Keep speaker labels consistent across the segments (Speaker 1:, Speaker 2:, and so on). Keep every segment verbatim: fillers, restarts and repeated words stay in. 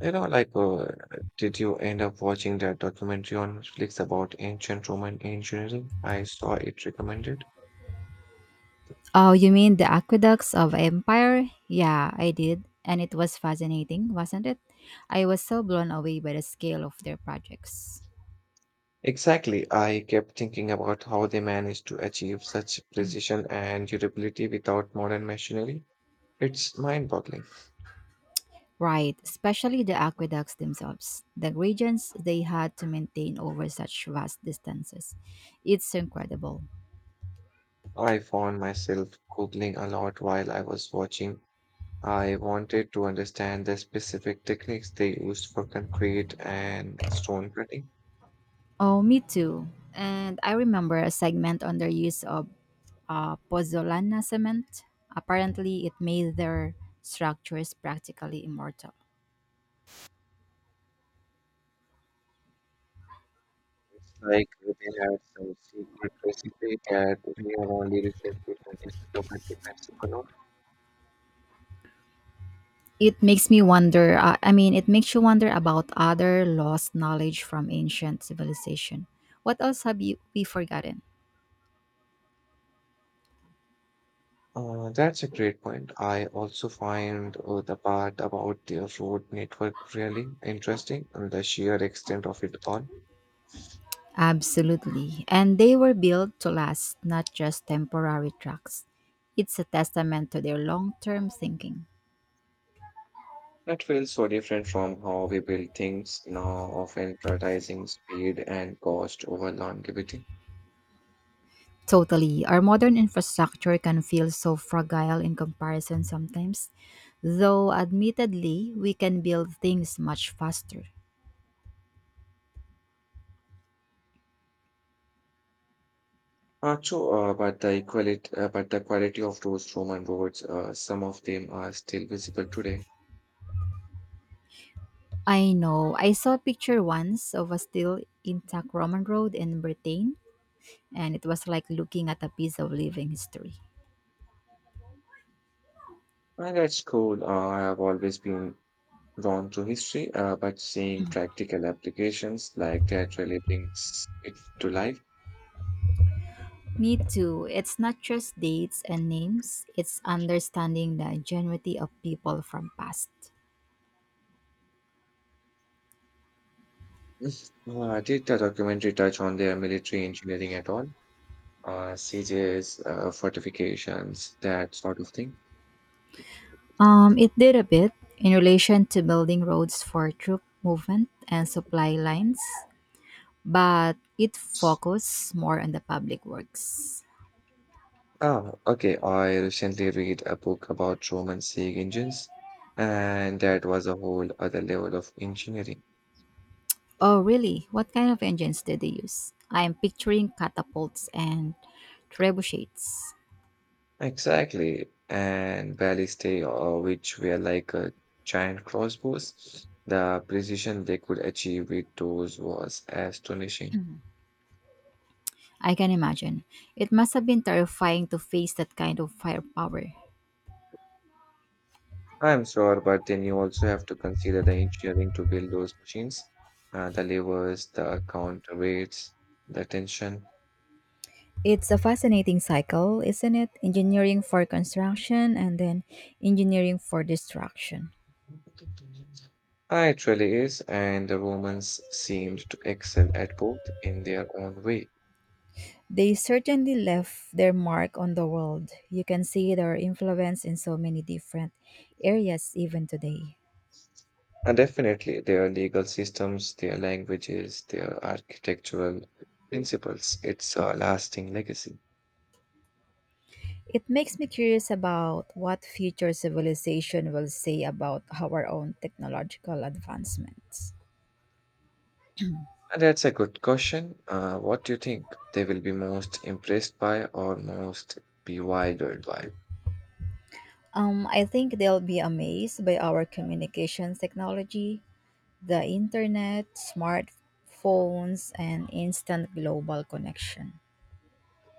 Speaker 1: You know, like, uh, did you end up watching that documentary on Netflix about ancient Roman engineering? I saw it recommended.
Speaker 2: Oh, you mean the aqueducts of empire? Yeah, I did. And it was fascinating, wasn't it? I was so blown away by the scale of their projects.
Speaker 1: Exactly. I kept thinking about how they managed to achieve such precision and durability without modern machinery. It's mind-boggling.
Speaker 2: Right, especially the aqueducts themselves, the regions they had to maintain over such vast distances. It's incredible.
Speaker 1: I found myself Googling a lot while I was watching. I wanted to understand the specific techniques they used for concrete and stone cutting.
Speaker 2: Oh, me too. And I remember a segment on their use of uh, pozzolana cement. Apparently, it made their structures practically immortal.
Speaker 1: It's like they had some secret recipe that we have only recently discovered the principle of.
Speaker 2: It makes me wonder, uh, I mean, it makes you wonder about other lost knowledge from ancient civilization. What else have you we forgotten?
Speaker 1: Uh, that's a great point. I also find uh, the part about the road network really interesting and the sheer extent of it all.
Speaker 2: Absolutely. And they were built to last, not just temporary tracks. It's a testament to their long-term thinking.
Speaker 1: That feels so different from how we build things now, often prioritizing speed and cost over longevity.
Speaker 2: Totally. Our modern infrastructure can feel so fragile in comparison sometimes, though admittedly, we can build things much faster.
Speaker 1: Uh, true, uh, but the equality, uh, but the quality of those Roman roads, uh, some of them are still visible today.
Speaker 2: I know. I saw a picture once of a still intact Roman road in Britain, and it was like looking at a piece of living history.
Speaker 1: Uh, that's cool. Uh, I have always been drawn to history, uh, but seeing practical applications like that really brings it to life.
Speaker 2: Me too. It's not just dates and names, it's understanding the genuity of people from past.
Speaker 1: Mhm. Uh, did the documentary touch on their military engineering at all? Uh, sieges, uh, fortifications, that sort of thing?
Speaker 2: Um, it did a bit in relation to building roads for troop movement and supply lines, but it focused more on the public works.
Speaker 1: Ah, okay. I recently read a book about Roman siege engines, and that was a whole other level of engineering.
Speaker 2: Oh, really? What kind of engines did they use? I am picturing catapults and trebuchets.
Speaker 1: Exactly. And barely stay, or which were like a giant crossbows. The precision they could achieve with those was astonishing.
Speaker 2: I can imagine. It must have been terrifying to face that kind of firepower.
Speaker 1: I'm sure, but then you also have to consider the engineering to build those machines, uh, the levers, the counterweights, the tension.
Speaker 2: It's a fascinating cycle, isn't it? Engineering for construction and then engineering for destruction.
Speaker 1: Ah, it really is, and the Romans seemed to excel at both in their own way.
Speaker 2: They certainly left their mark on the world. You can see their influence in so many different areas even today.
Speaker 1: And definitely, their legal systems, their languages, their architectural principles, it's a lasting legacy.
Speaker 2: It makes me curious about what future civilization will say about our own technological advancements.
Speaker 1: And that's a good question. Uh, what do you think they will be most impressed by or most bewildered by?
Speaker 2: Um, I think they'll be amazed by our communications technology, the internet, smartphones, and instant global connection.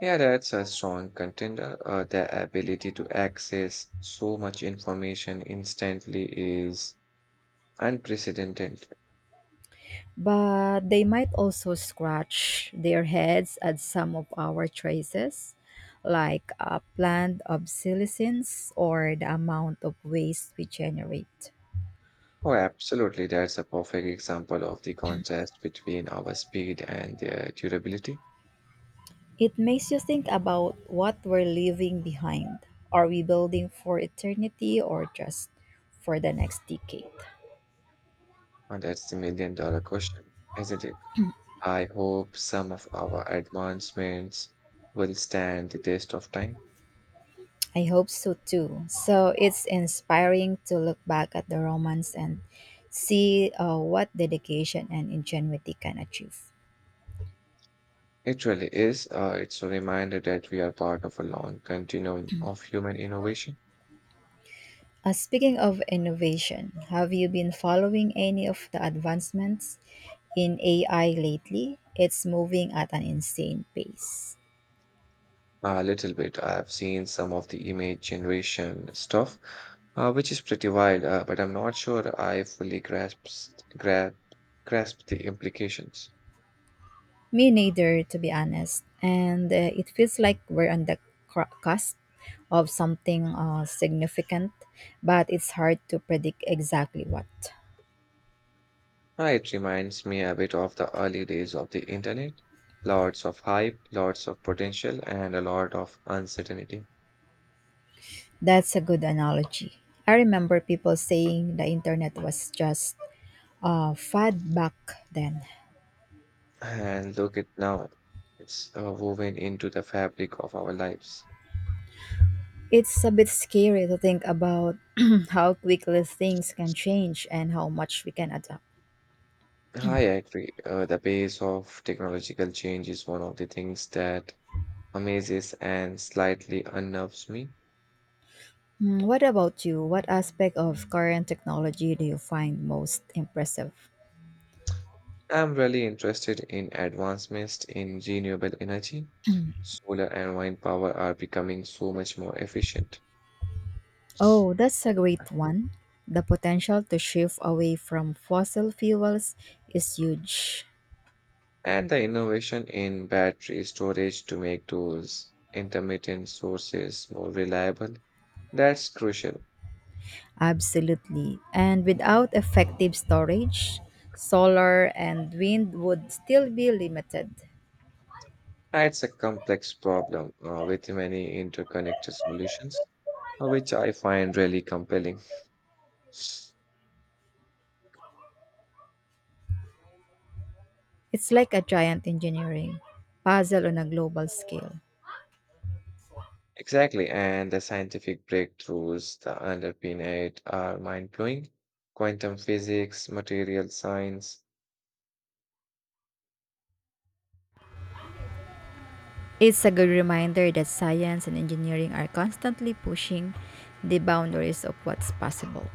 Speaker 1: Yeah, that's a strong contender. Uh, the ability to access so much information instantly is unprecedented.
Speaker 2: But they might also scratch their heads at some of our choices, like uh, planned obsolescence or the amount of waste we generate.
Speaker 1: Oh, absolutely. That's a perfect example of the contrast between our speed and their durability.
Speaker 2: It makes you think about what we're leaving behind. Are we building for eternity or just for the next decade?
Speaker 1: And that's the million dollar question, isn't it? I hope some of our advancements will stand the test of time.
Speaker 2: I hope so too. So it's inspiring to look back at the Romans and see uh, what dedication and ingenuity can achieve.
Speaker 1: It really is. Uh, it's a reminder that we are part of a long continuum of human innovation.
Speaker 2: Uh, speaking of innovation, have you been following any of the advancements in A I lately? It's moving at an insane pace.
Speaker 1: A little bit. I've seen some of the image generation stuff, uh, which is pretty wild, uh, but I'm not sure I fully grasps, grasp, grasp the implications.
Speaker 2: Me neither, to be honest. And uh, it feels like we're on the cr- cusp of something uh, significant, but it's hard to predict exactly what.
Speaker 1: Uh, it reminds me a bit of the early days of the internet. Lots of hype, lots of potential, and a lot of uncertainty.
Speaker 2: That's a good analogy. I remember people saying the internet was just a fad back then.
Speaker 1: And look at now, it's uh, woven into the fabric of our lives.
Speaker 2: It's a bit scary to think about how quickly things can change and how much we can adapt.
Speaker 1: I agree. Uh, the pace of technological change is one of the things that amazes and slightly unnerves me.
Speaker 2: Hmm. What about you? What aspect of current technology do you find most impressive?
Speaker 1: I'm really interested in advancements in renewable energy. Solar and wind power are becoming so much more efficient,
Speaker 2: Oh, that's a great one. The potential to shift away from fossil fuels is huge.
Speaker 1: and the innovation in battery storage to make those intermittent sources more reliable. That's crucial.
Speaker 2: Absolutely. And without effective storage, solar and wind would still be limited.
Speaker 1: It's a complex problem uh, with many interconnected solutions, uh, which I find really compelling.
Speaker 2: It's like a giant engineering puzzle on a global scale.
Speaker 1: Exactly, and the scientific breakthroughs that underpin it are mind-blowing. Quantum physics, material science.
Speaker 2: It's a good reminder that science and engineering are constantly pushing the boundaries of what's possible.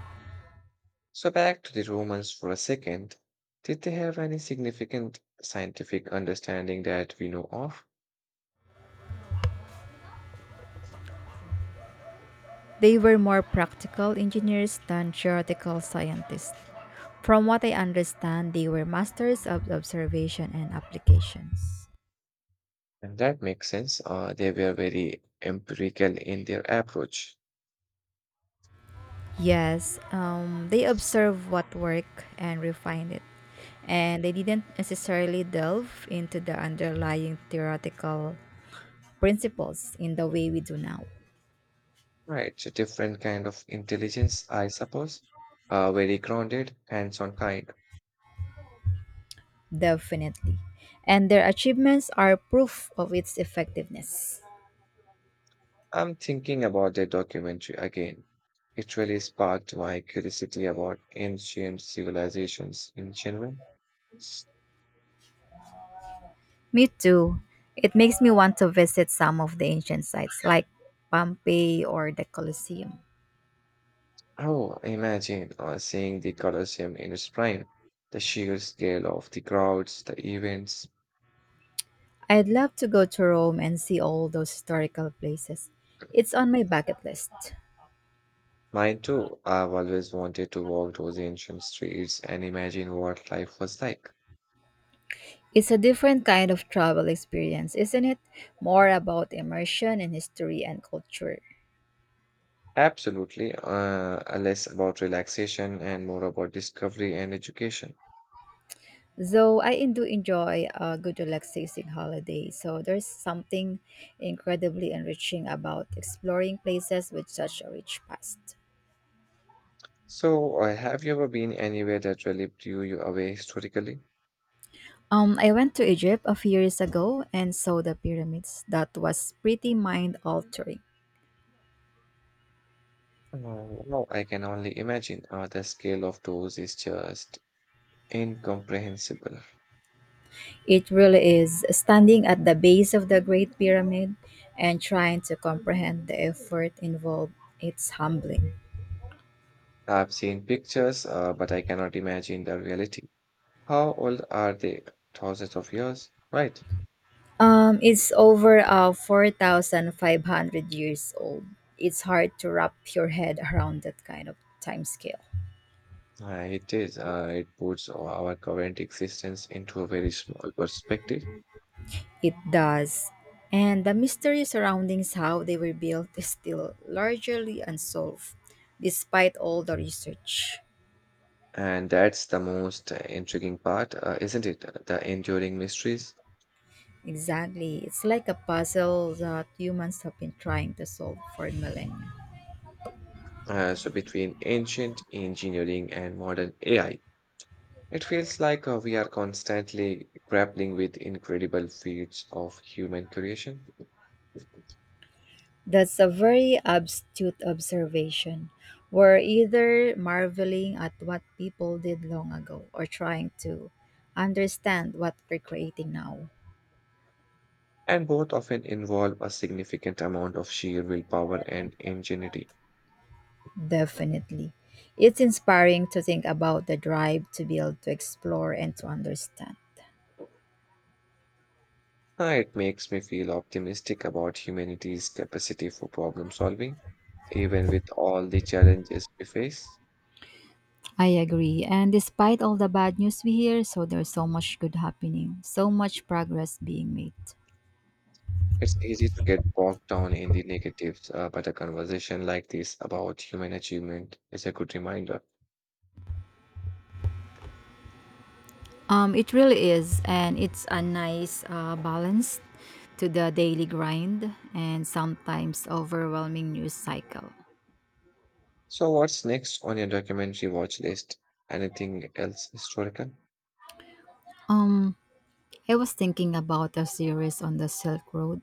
Speaker 1: So back to the Romans for a second. Did they have any significant scientific understanding that we know of?
Speaker 2: They were more practical engineers than theoretical scientists. From what I understand, they were masters of observation and applications.
Speaker 1: And that makes sense. Uh, they were very empirical in their approach.
Speaker 2: Yes, um, they observed what worked and refined it, and they didn't necessarily delve into the underlying theoretical principles in the way we do now.
Speaker 1: Right, so different kind of intelligence, I suppose. Uh, very grounded, hands-on kind.
Speaker 2: Definitely. And their achievements are proof of its effectiveness.
Speaker 1: I'm thinking about the documentary again. It really sparked my curiosity about ancient civilizations in general.
Speaker 2: Me too. It makes me want to visit some of the ancient sites like Pompeii or the Colosseum.
Speaker 1: Oh, imagine uh, seeing the Colosseum in its prime, the sheer scale of the crowds, the events.
Speaker 2: I'd love to go to Rome and see all those historical places. It's on my bucket list.
Speaker 1: Mine too, I've always wanted to walk those ancient streets and imagine what life was like.
Speaker 2: It's a different kind of travel experience, isn't it? More about immersion in history and culture.
Speaker 1: Absolutely, uh, less about relaxation and more about discovery and education.
Speaker 2: Though I do enjoy a good relaxing holiday, so there's something incredibly enriching about exploring places with such a rich past.
Speaker 1: So, uh, have you ever been anywhere that really blew you away historically?
Speaker 2: Um, I went to Egypt a few years ago and saw the pyramids. That was pretty mind altering.
Speaker 1: Oh, wow. I can only imagine. Uh, the scale of those is just incomprehensible.
Speaker 2: It really is standing at the base of the Great Pyramid and trying to comprehend the effort involved. It's humbling.
Speaker 1: I've seen pictures, uh, but I cannot imagine the reality. How old are they? Thousands of years? Right.
Speaker 2: Um, it's over uh, four thousand five hundred years old. It's hard to wrap your head around that kind of time scale.
Speaker 1: Uh, it is. Uh, it puts our current existence into a very small perspective.
Speaker 2: It does. And the mystery surrounding how they were built is still largely unsolved, despite all the research.
Speaker 1: And that's the most uh, intriguing part, uh, isn't it? The enduring mysteries.
Speaker 2: Exactly. It's like a puzzle that humans have been trying to solve for millennia.
Speaker 1: Uh, so between ancient engineering and modern A I. It feels like uh, we are constantly grappling with incredible feats of human creation.
Speaker 2: That's a very astute observation. We're either marveling at what people did long ago or trying to understand what we're creating now.
Speaker 1: And both often involve a significant amount of sheer willpower and ingenuity.
Speaker 2: Definitely. It's inspiring to think about the drive to build, to explore, and to understand.
Speaker 1: Uh, It makes me feel optimistic about humanity's capacity for problem solving, even with all the challenges we face.
Speaker 2: I agree. And despite all the bad news we hear, so there's so much good happening, so much progress being made.
Speaker 1: It's easy to get bogged down in the negatives, uh, but a conversation like this about human achievement is a good reminder.
Speaker 2: Um, it really is, and it's a nice uh, balance to the daily grind and sometimes overwhelming news cycle.
Speaker 1: So, what's next on your documentary watch list? Anything else historical?
Speaker 2: Um, I was thinking about a series on the Silk Road.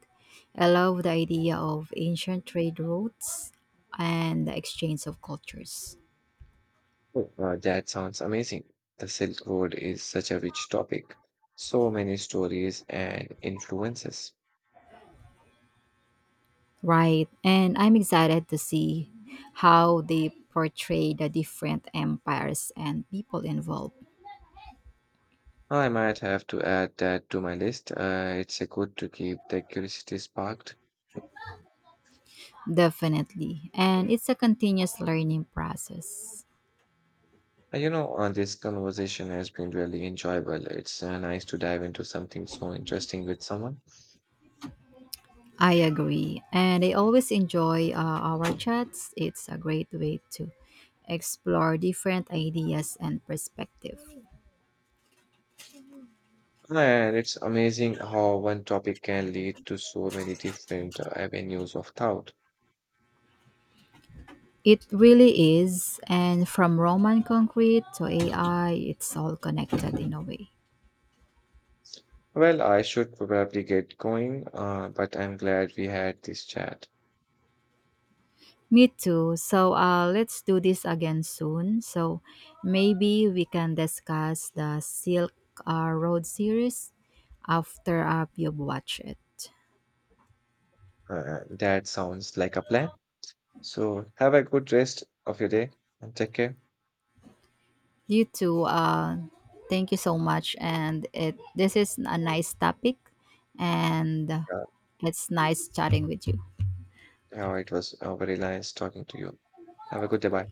Speaker 2: I love the idea of ancient trade routes and the exchange of cultures.
Speaker 1: Oh, Uh, that sounds amazing. The Silk Road is such a rich topic, so many stories and influences.
Speaker 2: Right, and I'm excited to see how they portray the different empires and people involved.
Speaker 1: I might have to add that to my list. Uh, it's a good to keep the curiosity sparked.
Speaker 2: Definitely, and it's a continuous learning process.
Speaker 1: Uh, you know, uh, this conversation has been really enjoyable. It's uh, nice to dive into something so interesting with someone.
Speaker 2: I agree, and I always enjoy uh, our chats. It's a great way to explore different ideas and perspective.
Speaker 1: And it's amazing how one topic can lead to so many different uh, avenues of thought.
Speaker 2: It really is. And from Roman concrete to A I, it's all connected in a way.
Speaker 1: Well, I should probably get going, uh, but I'm glad we had this chat.
Speaker 2: Me too. So uh, let's do this again soon. So maybe we can discuss the Silk uh, Road series after uh, you've watched it.
Speaker 1: Uh, that sounds like a plan. So have a good rest of your day and take care.
Speaker 2: You too. Uh, thank you so much. And it this is a nice topic, and it's nice chatting with you.
Speaker 1: Oh, it was uh, very nice talking to you. Have a good day. Bye.